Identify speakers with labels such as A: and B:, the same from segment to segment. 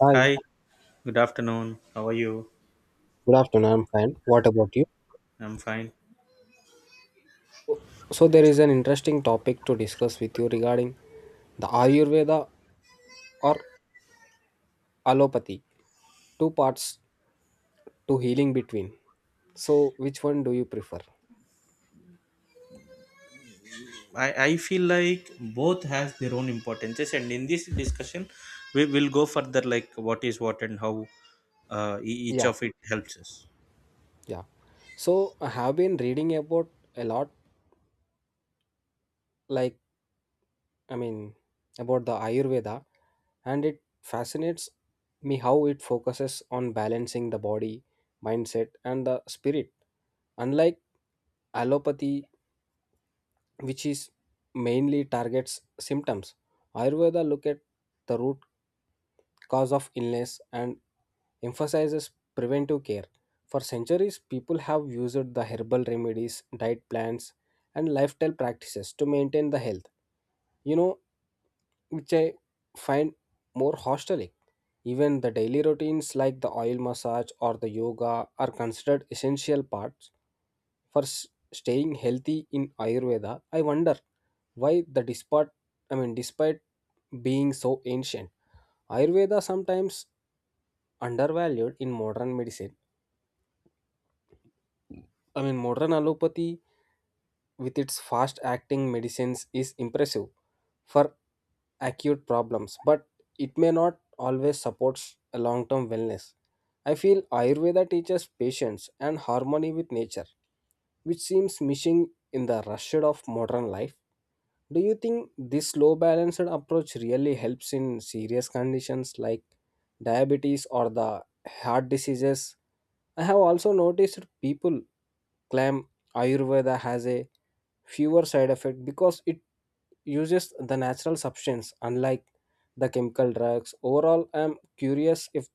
A: Hi,
B: Hi, good afternoon. How are you?
A: good afternoon. I'm fine. What about you?
B: I'm fine.
A: So there is an interesting topic to discuss with you regarding the Ayurveda or allopathy. Two parts to healing between. So which one do you prefer?
B: I feel like both has their own importances, and in this discussion we will go further like what is what and how each
A: Yeah,
B: of it helps us.
A: yeah. So I have been reading about a lot, like I mean, about the Ayurveda, and it fascinates me how it focuses on balancing the body, mindset, and the spirit. Unlike allopathy which is mainly targets symptoms. Ayurveda look at the root cause of illness and emphasizes preventive care. For centuries, people have used the herbal remedies, diet plans, and lifestyle practices to maintain the health. You know, which I find more hostelic. Even the daily routines like the oil massage or the yoga are considered essential parts for staying healthy in Ayurveda. I wonder why the despite I mean despite being so ancient, Ayurveda sometimes undervalued in modern medicine. I mean modern allopathy with its fast acting medicines is impressive for acute problems, but it may not always support a long term wellness. I feel Ayurveda teaches patience and harmony with nature, which seems missing in the rush of modern life. Do you think this slow balanced approach really helps in serious conditions like diabetes or the heart diseases? I have also noticed people claim Ayurveda has a fewer side effect because it uses the natural substance unlike the chemical drugs. Overall, I'm curious if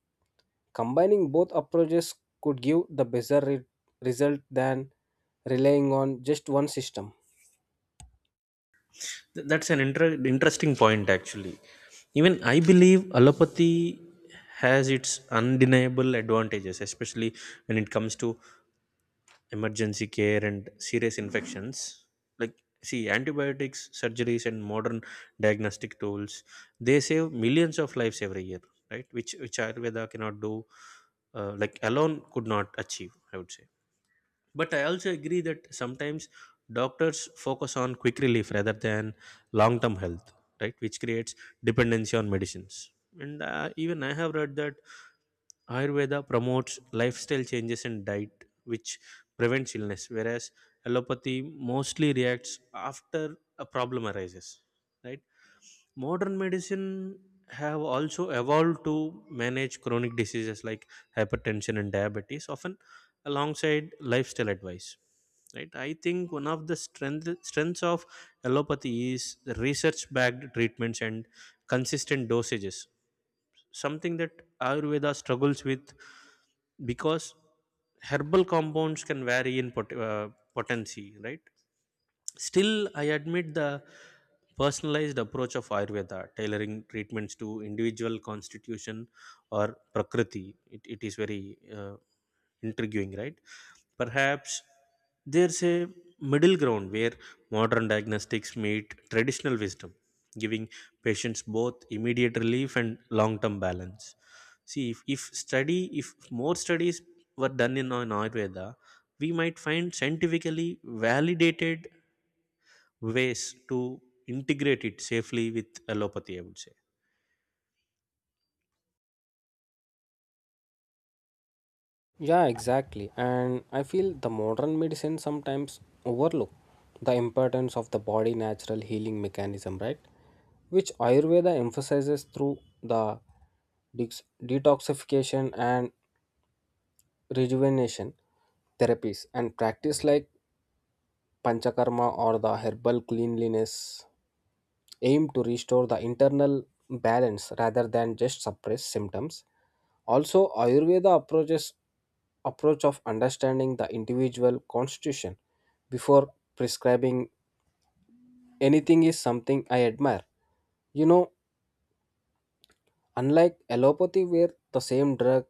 A: combining both approaches could give the better result than relying on just one system.
B: That's an interesting point, actually. Even I believe allopathy has its undeniable advantages, especially when it comes to emergency care and serious infections, like see, antibiotics, surgeries, and modern diagnostic tools, they save millions of lives every year, right? Which ayurveda cannot do, like alone could not achieve, I would say. But I also agree that sometimes doctors focus on quick relief rather than long term health, right? Which creates dependency on medicines. And even I have read that ayurveda promotes lifestyle changes and diet which prevents illness, whereas allopathy mostly reacts after a problem arises, right? Modern medicine have also evolved to manage chronic diseases like hypertension and diabetes, often alongside lifestyle advice, right? I think one of the strengths of allopathy is the research backed treatments and consistent dosages, something that ayurveda struggles with, because herbal compounds can vary in potency, right? Still, I admit the personalized approach of Ayurveda, tailoring treatments to individual constitution or prakriti. It is very intriguing, right? Perhaps there's a middle ground where modern diagnostics meet traditional wisdom, giving patients both immediate relief and long term balance. See, if more studies were done on Ayurveda, we might find scientifically validated ways to integrate it safely with allopathy, I would say.
A: Yeah, exactly. And I feel the modern medicine sometimes overlook the importance of the body natural healing mechanism, right? Which Ayurveda emphasizes through the detoxification and rejuvenation therapies, and practice like panchakarma or the herbal cleanliness aim to restore the internal balance rather than just suppress symptoms. Also, ayurveda approach of understanding the individual constitution before prescribing anything is something I admire, you know unlike allopathy where the same drug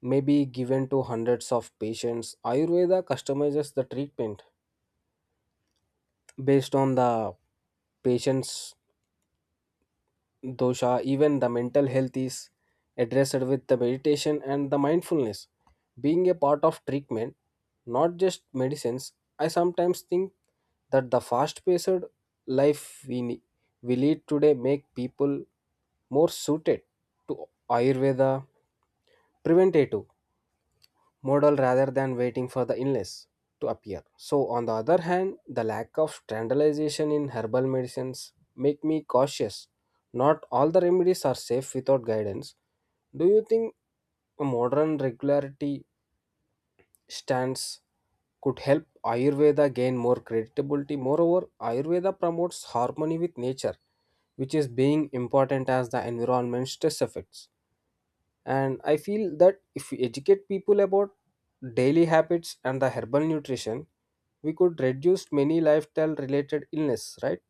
A: may be given to hundreds of patients. Ayurveda customizes the treatment based on the patient's dosha. Even the mental health is addressed with the meditation and the mindfulness being a part of treatment, not just medicines. I sometimes think that the fast-paced life we lead today make people more suited to Ayurveda preventative model rather than waiting for the illness to appear. So, on the other hand, the lack of standardization in herbal medicines make me cautious. Not all the remedies are safe without guidance. Do you think a modern regularity stance could help Ayurveda gain more credibility? Moreover, Ayurveda promotes harmony with nature, which is being important as the environment stress effects. And I feel that if we educate people about daily habits and the herbal nutrition, we could reduce many lifestyle related illness, right?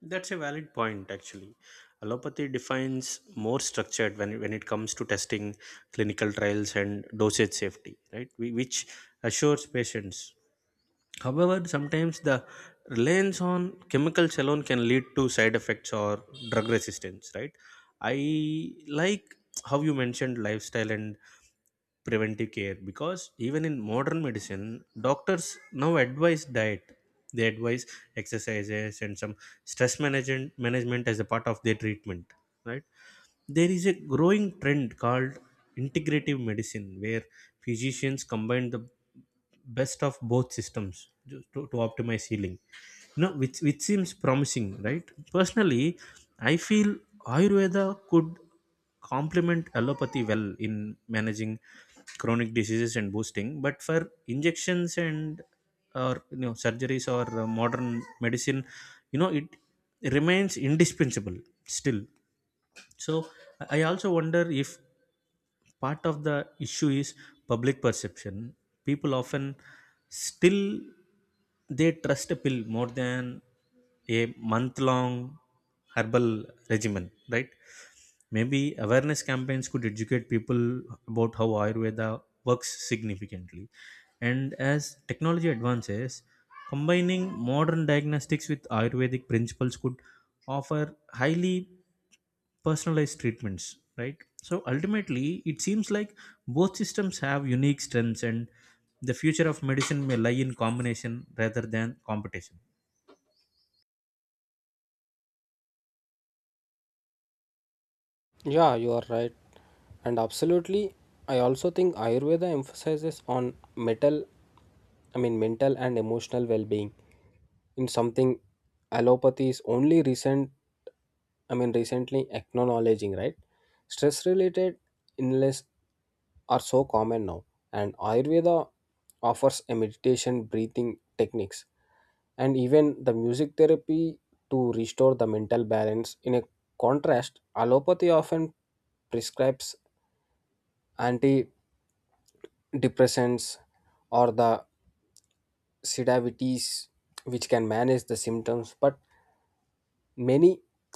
B: That's a valid point, actually. Allopathy defines more structured when it comes to testing, clinical trials, and dosage safety, right? We, which assures patients. However, sometimes the reliance on chemicals alone can lead to side effects or drug resistance, right? I like how you mentioned lifestyle and preventive care, because even in modern medicine, doctors now advise diet, they advise exercises and some stress management as a part of their treatment, right? There is a growing trend called integrative medicine, where physicians combine the best of both systems to optimize healing, you know, which seems promising, right? Personally, I feel ayurveda could complement allopathy well in managing chronic diseases and boosting, but for injections and or you know surgeries or modern medicine, you know, it remains indispensable still. So I also wonder if part of the issue is public perception. People often still, they trust a pill more than a month long herbal regimen, right? Maybe awareness campaigns could educate people about how ayurveda works significantly, and as technology advances, combining modern diagnostics with ayurvedic principles could offer highly personalized treatments, right? So ultimately, it seems like both systems have unique strengths, and the future of medicine may lie in combination rather than competition.
A: Yeah, you are right, and absolutely. I also think ayurveda emphasizes on mental and emotional well being, in something allopathy is only recently acknowledging, right? Stress related illness are so common now, and Ayurveda offers a meditation, breathing techniques, and even the music therapy to restore the mental balance. In a contrast, allopathy often prescribes antidepressants or the sedavities, which can manage the symptoms but many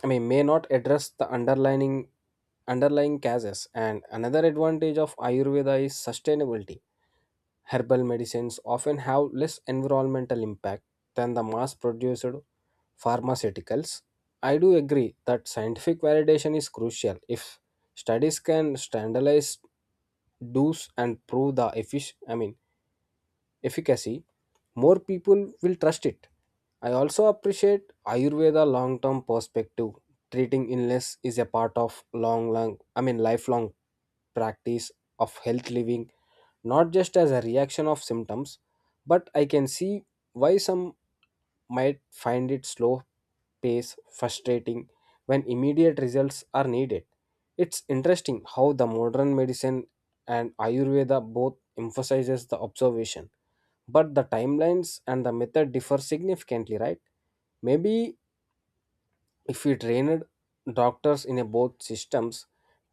A: I mean may not address the underlying causes. And another advantage of ayurveda is sustainability. Herbal medicines often have less environmental impact than the mass produced pharmaceuticals. I do agree that scientific validation is crucial. If studies can standardize do's and prove the efficacy, more people will trust it. I also appreciate Ayurveda long term perspective. Treating illness is a part of lifelong practice of health living, not just as a reaction of symptoms, but I can see why some might find it slow pace frustrating when immediate results are needed. It's interesting how the modern medicine and Ayurveda both emphasizes the observation, but the timelines and the method differ significantly, right? Maybe if we trained doctors in a both systems,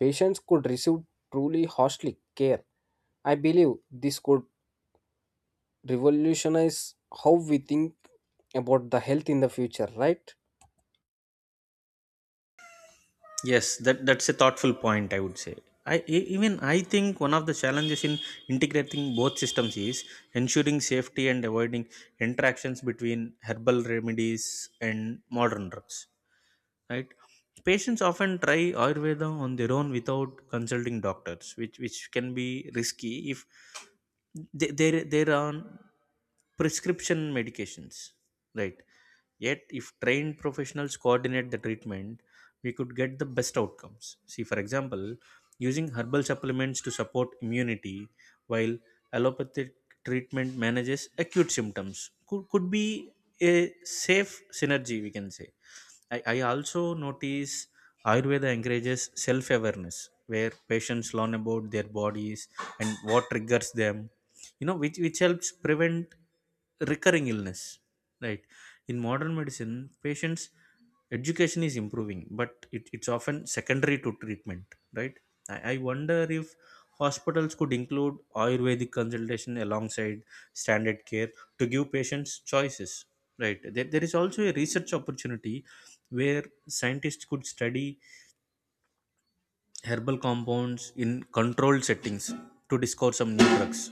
A: patients could receive truly holistic care. I believe this could revolutionize how we think about the health in the future, right?
B: Yes, that's a thoughtful point, I would say. Even I think one of the challenges in integrating both systems is ensuring safety and avoiding interactions between herbal remedies and modern drugs, right? Patients often try ayurveda on their own without consulting doctors, which can be risky if they are on prescription medications, right? Yet if trained professionals coordinate the treatment, we could get the best outcomes. See, for example, using herbal supplements to support immunity while allopathic treatment manages acute symptoms could be a safe synergy, we can say. I also notice Ayurveda encourages self awareness where patients learn about their bodies and what triggers them, you know, which helps prevent recurring illness, right? In modern medicine, patients education is improving, but it's often secondary to treatment, right? I wonder if hospitals could include ayurvedic consultation alongside standard care to give patients choices, right? There there, is also a research opportunity where scientists could study herbal compounds in controlled settings to discover some new drugs.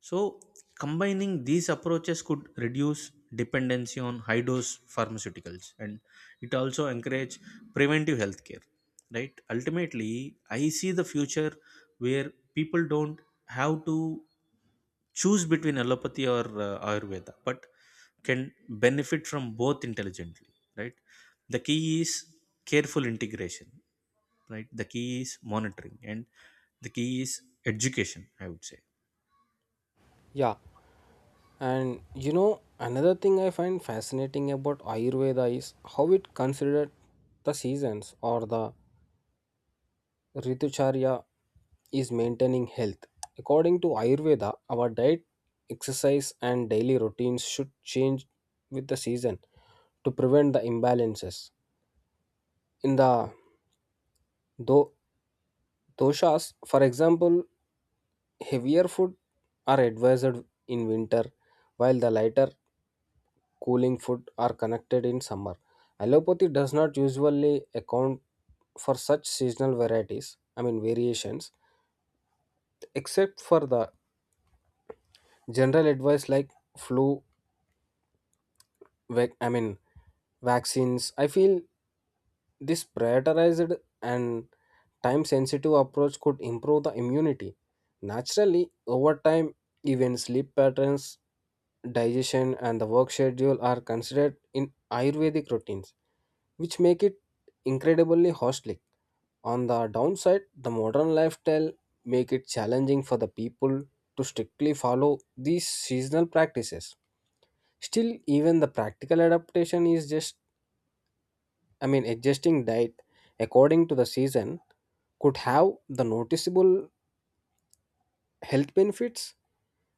B: So, combining these approaches could reduce dependency on high dose pharmaceuticals, and it also encourage preventive healthcare, right? Ultimately, I see the future where people don't have to choose between allopathy or Ayurveda, but can benefit from both intelligently, right? The key is careful integration, right? The key is monitoring, and the key is education, I would say.
A: Yeah, and another thing I find fascinating about ayurveda is how it considered the seasons, or the Ritucharya, is maintaining health. According to Ayurveda, our diet, exercise, and daily routines should change with the season to prevent the imbalances. In the do- doshas, for example, heavier food are advised in winter, while the lighter cooling food are connected in summer. Allopathy does not usually account for such seasonal varieties, I mean variations, except for the general advice like flu vac- i mean vaccines. I feel this prioritized and time sensitive approach could improve the immunity naturally over time. Even sleep patterns, digestion, and the work schedule are considered in ayurvedic routines, which make it incredibly holistic. On the downside, the modern lifestyle make it challenging for the people to strictly follow these seasonal practices. Still, even the practical adaptation is just, I mean, adjusting diet according to the season could have the noticeable health benefits.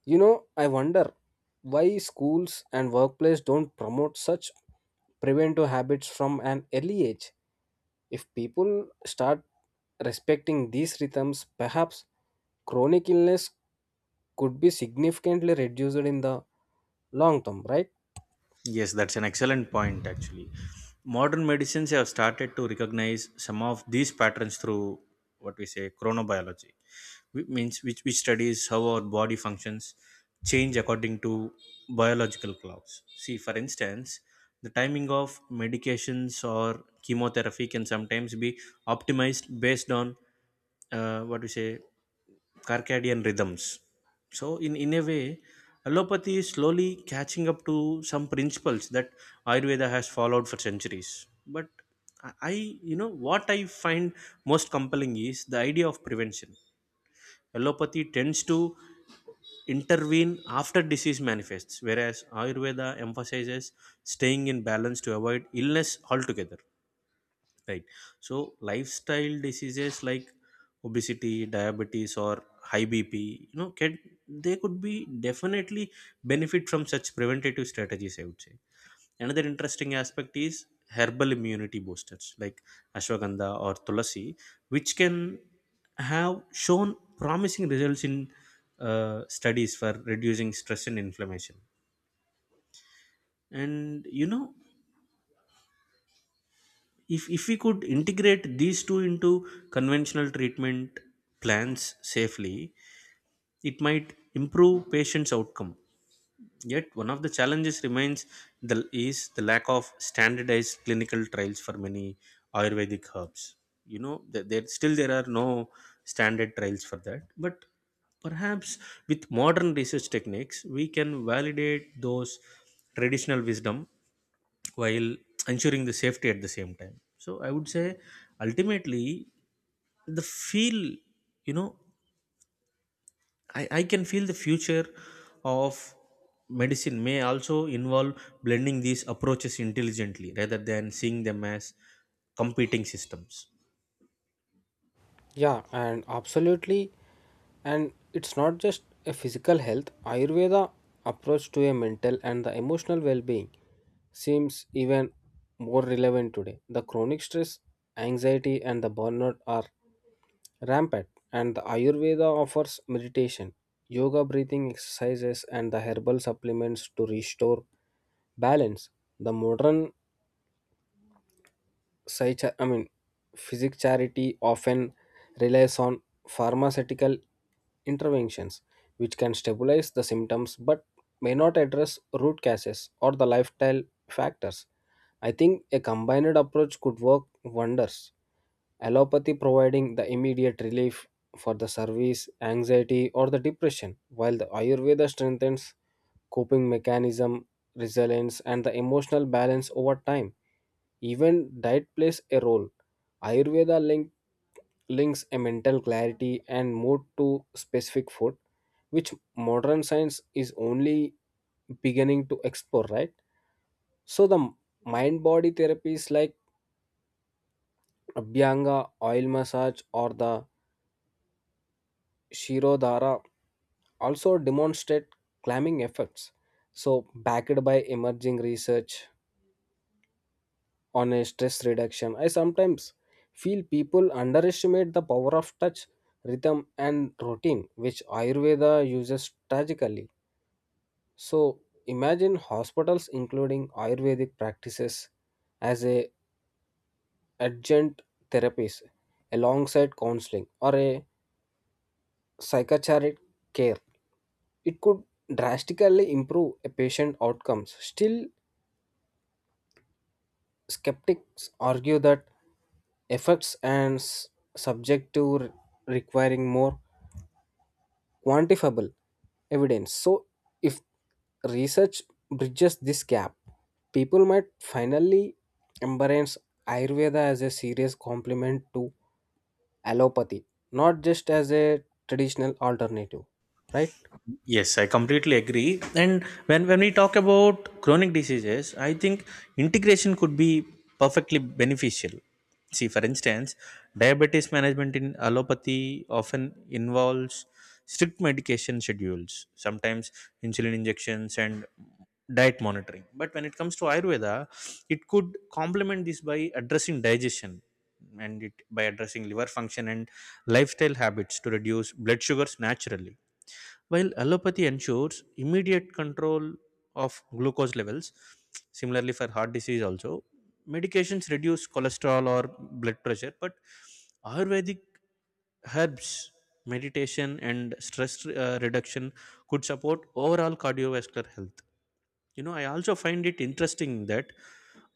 A: I wonder why schools and workplace don't promote such preventive habits from an early age. If people start respecting these rhythms, perhaps chronic illness could be significantly reduced in the long term, right?
B: Yes, that's an excellent point, actually. Modern medicines have started to recognize some of these patterns through what we say chronobiology, which studies how our body functions change according to biological clocks. See, for instance, the timing of medications or chemotherapy can sometimes be optimized based on what we say circadian rhythms. So, in a way, allopathy is slowly catching up to some principles that Ayurveda has followed for centuries. But I, I- you know, what I find most compelling is the idea of prevention. Allopathy tends to intervene after disease manifests, whereas Ayurveda emphasizes staying in balance to avoid illness altogether. Right. So lifestyle diseases like obesity, diabetes, or high BP, you know, can they could be definitely benefit from such preventative strategies, I would say. Another interesting aspect is herbal immunity boosters like ashwagandha or tulasi, which can have shown promising results in studies for reducing stress and inflammation. And you know, if we could integrate these two into conventional treatment plans safely, it might improve patients outcome. Yet one of the challenges remains the is the lack of standardized clinical trials for many ayurvedic herbs. You know, there are no standard trials for that, but perhaps with modern research techniques we can validate those traditional wisdom while ensuring the safety at the same time. So I would say ultimately, the feel you know I can feel the future of medicine may also involve blending these approaches intelligently rather than seeing them as competing systems.
A: Yeah, and absolutely. And it's not just a physical health. Ayurveda approach to a mental and the emotional well-being seems even more relevant today. The chronic stress, anxiety, and the burnout are rampant, and the Ayurveda offers meditation, yoga breathing exercises, and the herbal supplements to restore balance. The modern such a- I mean physic charity often relies on pharmaceutical interventions which can stabilize the symptoms but may not address root causes or the lifestyle factors. I think a combined approach could work wonders, allopathy providing the immediate relief for the service anxiety or the depression, while the ayurveda strengthens coping mechanism, resilience, and the emotional balance over time. Even diet plays a role. Ayurveda links a mental clarity and mood to specific food, which modern science is only beginning to explore, right? So the mind body therapies like Abhyanga, oil massage, or the Shirodhara also demonstrate calming effects, so, backed by emerging research, on a stress reduction. I sometimes feel people underestimate the power of touch, rhythm, and routine, which Ayurveda uses tragically. So imagine hospitals including Ayurvedic practices as a adjunct therapies alongside counseling or a psychiatric care. It could drastically improve a patient outcomes. Still, skeptics argue that effects and subject to requiring more quantifiable evidence. So, if research bridges this gap, people might finally embrace Ayurveda as a serious complement to allopathy, not just as a traditional alternative, right?
B: Yes, I completely agree. And when we talk about chronic diseases, I think integration could be perfectly beneficial. See, for instance, diabetes management in allopathy often involves strict medication schedules, sometimes insulin injections and diet monitoring. But when it comes to Ayurveda, it could complement this by addressing digestion and it by addressing liver function and lifestyle habits to reduce blood sugars naturally, while allopathy ensures immediate control of glucose levels. Similarly, for heart disease also, medications reduce cholesterol or blood pressure, but Ayurvedic herbs, meditation, and stress reduction could support overall cardiovascular health. You know, I also find it interesting that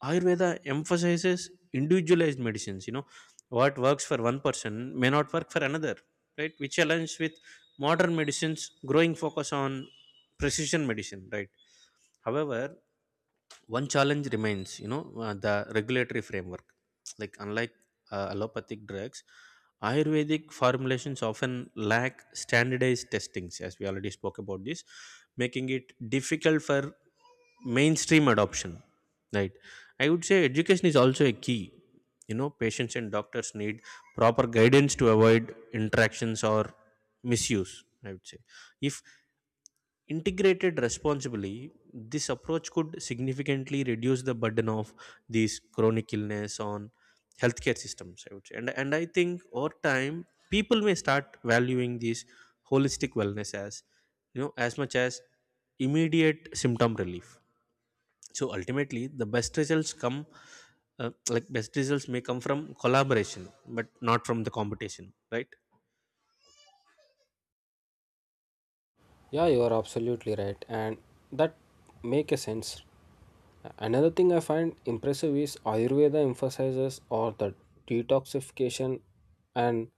B: Ayurveda emphasizes individualized medicines. You know, what works for one person may not work for another, right? Which aligns with modern medicine's growing focus on precision medicine, right? However, one challenge remains, you know, the regulatory framework, like unlike allopathic drugs, ayurvedic formulations often lack standardized testings, as we already spoke about this, making it difficult for mainstream adoption, right? I would say education is also a key. You know, patients and doctors need proper guidance to avoid interactions or misuse. I would say if Integrated responsibly, this approach could significantly reduce the burden of these chronic illness on healthcare systems, I would say. And I think over time, people may start valuing this holistic wellness as, you know, as much as immediate symptom relief. So ultimately, the best results come, like best results may come from collaboration, but not from the competition, right?
A: Yeah, you are absolutely right, and that make a sense. Another thing I find impressive is Ayurveda emphasizes or the detoxification and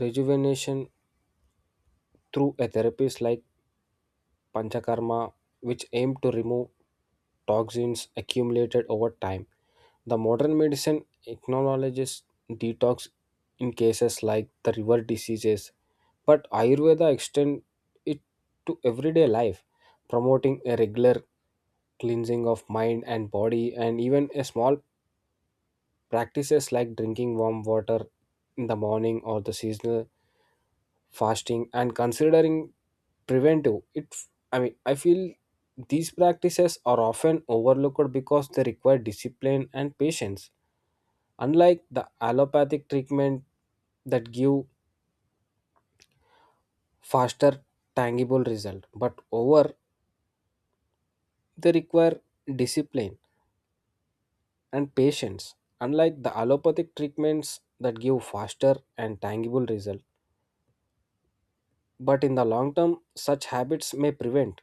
A: rejuvenation through a therapies like Panchakarma, which aim to remove toxins accumulated over time. The modern medicine acknowledges detox in cases like the river diseases, but Ayurveda extends it to everyday life, promoting a regular cleansing of mind and body. And even a small practices like drinking warm water in the morning or the seasonal fasting and considering preventive it I mean I feel these practices are often overlooked because they require discipline and patience, unlike the allopathic treatment that give faster tangible result. But over, they require discipline and patience, unlike the allopathic treatments that give faster and tangible result. But in the long term, such habits may prevent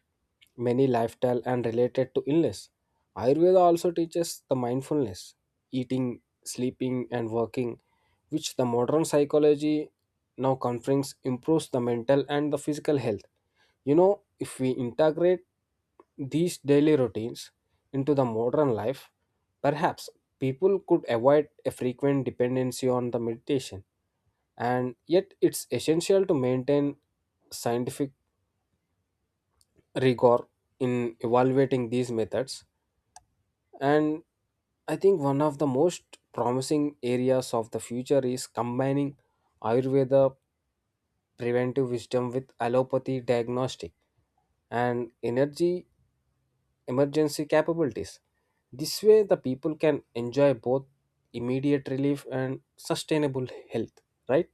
A: many lifestyle and related to illness. Ayurveda also teaches the mindfulness, eating, sleeping, and working, which the modern psychology now conference improves the mental and the physical health. If we integrate these daily routines into the modern life, perhaps people could avoid a frequent dependency on the meditation. And yet it's essential to maintain scientific rigor in evaluating these methods. And I think one of the most promising areas of the future is combining ayurveda preventive wisdom with allopathy diagnostic and energy emergency capabilities. This way the people can enjoy both immediate relief and sustainable health, right?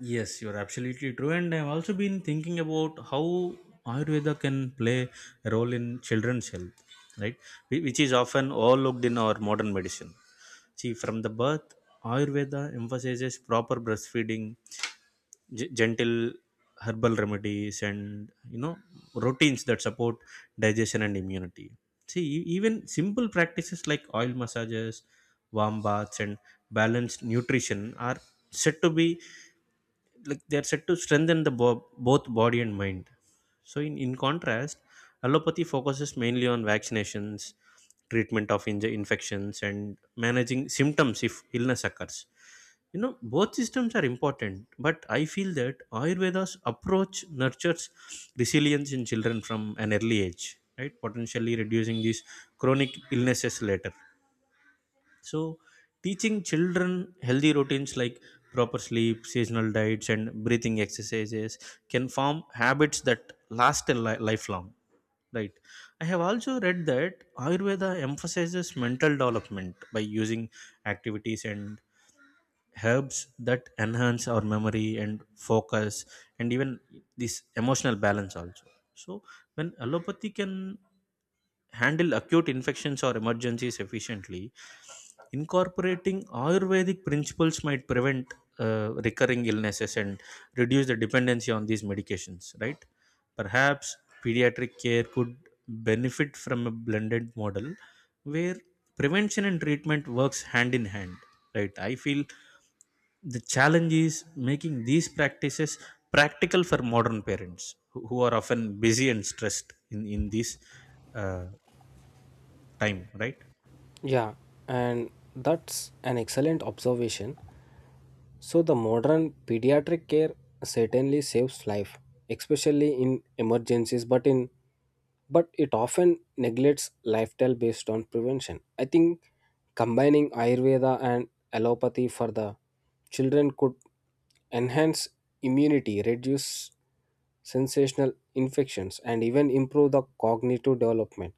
B: Yes, you're absolutely true. And I've also been thinking about how Ayurveda can play a role in children's health, right? Which is often overlooked in our modern medicine. See, from the birth, Ayurveda emphasizes proper breastfeeding, gentle herbal remedies, and you know, routines that support digestion and immunity. See, even simple practices like oil massages, warm baths, and balanced nutrition are said to be like they are said to strengthen the both body and mind. So in contrast, allopathy focuses mainly on vaccinations, treatment of infections, and managing symptoms if illness occurs. You know, both systems are important, but I feel that ayurveda's approach nurtures resilience in children from an early age, right? Potentially reducing these chronic illnesses later. So, teaching children healthy routines like proper sleep, seasonal diets, and breathing exercises can form habits that last a lifelong. Right. I have also read that Ayurveda emphasizes mental development by using activities and herbs that enhance our memory and focus, and even this emotional balance also. So when allopathy can handle acute infections or emergencies efficiently, incorporating ayurvedic principles might prevent recurring illnesses and reduce the dependency on these medications, right? Perhaps pediatric care could benefit from a blended model where prevention and treatment works hand in hand, right? I feel the challenge is making these practices practical for modern parents who are often busy and stressed in this uh, time, right?
A: Yeah, and that's an excellent observation. So, the modern pediatric care certainly saves life, especially in emergencies, but it often neglects lifestyle based on prevention. I think combining Ayurveda and allopathy for the children could enhance immunity, reduce sensational infections, and even improve the cognitive development.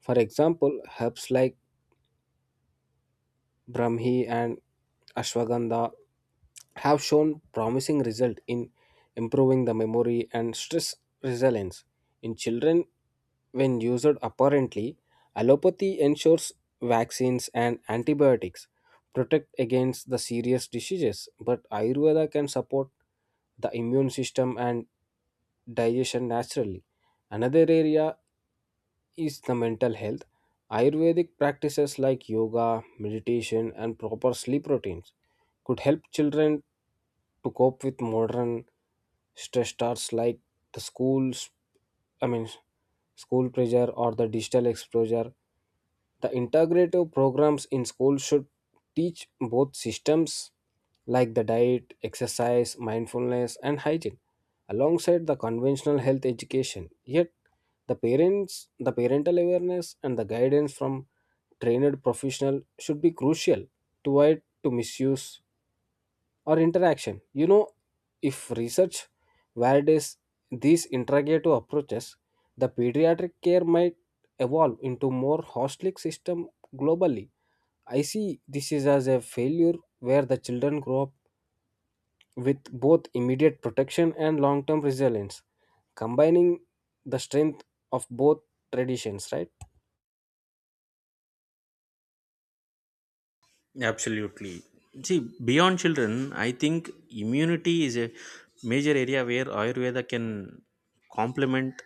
A: For example, herbs like Brahmi and ashwagandha have shown promising result in improving the memory and stress resilience in children when used apparently. Allopathy ensures vaccines and antibiotics protect against the serious diseases, but ayurveda can support the immune system and digestion naturally. Another area is the mental health. Ayurvedic practices like yoga, meditation, and proper sleep routines could help children to cope with modern stressors like the I mean, school pressure or the digital exposure. The integrative programs in school should teach both systems like the diet, exercise, mindfulness, and hygiene alongside the conventional health education. Yet, the parental awareness and the guidance from trained professional should be crucial to avoid to misuse or interaction. If research validates these integrative approaches, the pediatric care might evolve into more holistic system globally. I see this is as a failure where the children grow up with both immediate protection and long-term resilience, combining the strength of both traditions, right?
B: Absolutely. See, beyond children, I think immunity is a major area where Ayurveda can complement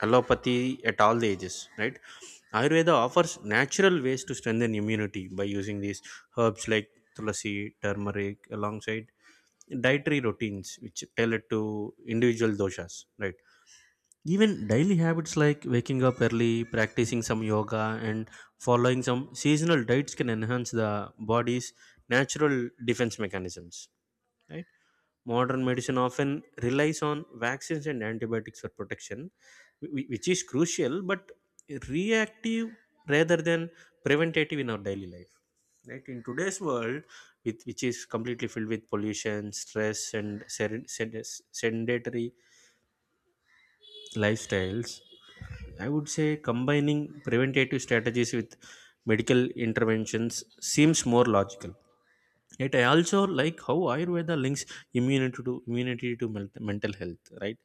B: allopathy at all the ages, right? Ayurveda offers natural ways to strengthen immunity by using these herbs like tulsi, turmeric, alongside dietary routines which tailored to individual doshas, right? Even daily habits like waking up early, practicing some yoga, and following some seasonal diets can enhance the body's natural defense mechanisms. Right? Modern medicine often relies on vaccines and antibiotics for protection, which is crucial but reactive rather than preventative in our daily life. Right? In today's world, which is completely filled with pollution, stress, and sedentary lifestyles, I would say combining preventative strategies with medical interventions seems more logical. Yet I also like how Ayurveda links immunity to mental health, right?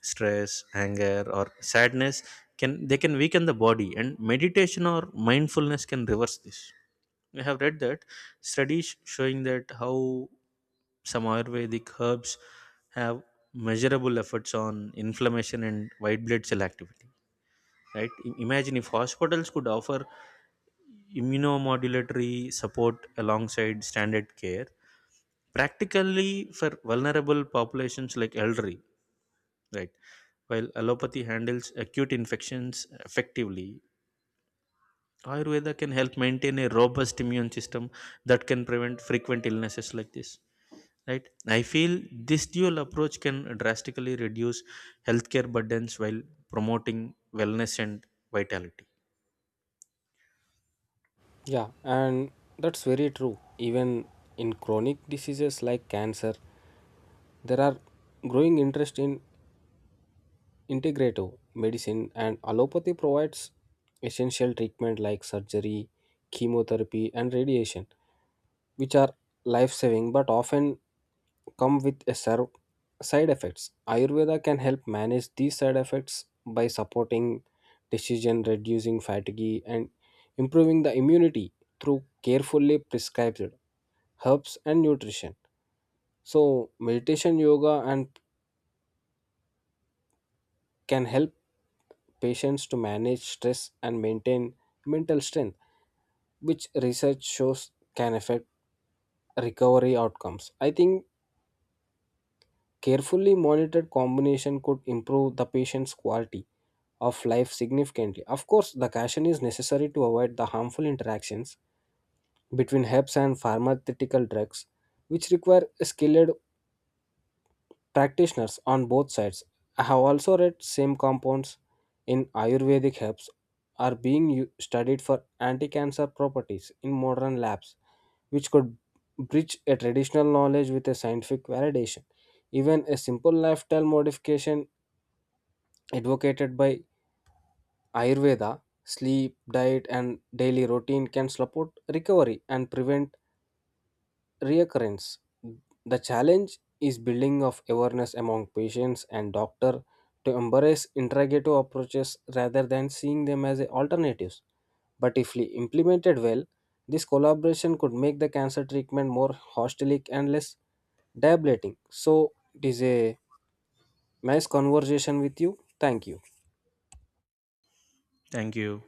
B: Stress, anger, or sadness can they can weaken the body, and meditation or mindfulness can reverse this. I have read that studies showing that how some Ayurvedic herbs have measurable efforts on inflammation and white blood cell activity. Right? Imagine if hospitals could offer immunomodulatory support alongside standard care, practically for vulnerable populations like elderly, right? While allopathy handles acute infections effectively, ayurveda can help maintain a robust immune system that can prevent frequent illnesses like this, right? I feel this dual approach can drastically reduce healthcare burdens while promoting wellness and vitality.
A: Yeah, and that's very true. Even in chronic diseases like cancer, there are growing interest in integrative medicine, and allopathy provides essential treatment like surgery, chemotherapy, and radiation, which are life saving but often come with a ser side effects. Ayurveda can help manage these side effects by supporting decision, reducing fatigue, and improving the immunity through carefully prescribed herbs and nutrition. So, meditation, yoga, and can help patients to manage stress and maintain mental strength, which research shows can affect recovery outcomes. I think carefully monitored combination could improve the patient's quality of life significantly. Of course, the caution is necessary to avoid the harmful interactions between herbs and pharmaceutical drugs, which require skilled practitioners on both sides. I have also read same compounds in Ayurvedic herbs are being studied for anti-cancer properties in modern labs, which could bridge a traditional knowledge with a scientific validation. Even a simple lifestyle modification advocated by Ayurveda, sleep, diet, and daily routine can support recovery and prevent reoccurrence. The challenge is building of awareness among patients and doctor to embrace integrative approaches rather than seeing them as a alternatives. But if we implemented well, this collaboration could make the cancer treatment more holistic and less debilitating. So it is a nice conversation with you. Thank you.
B: Thank you.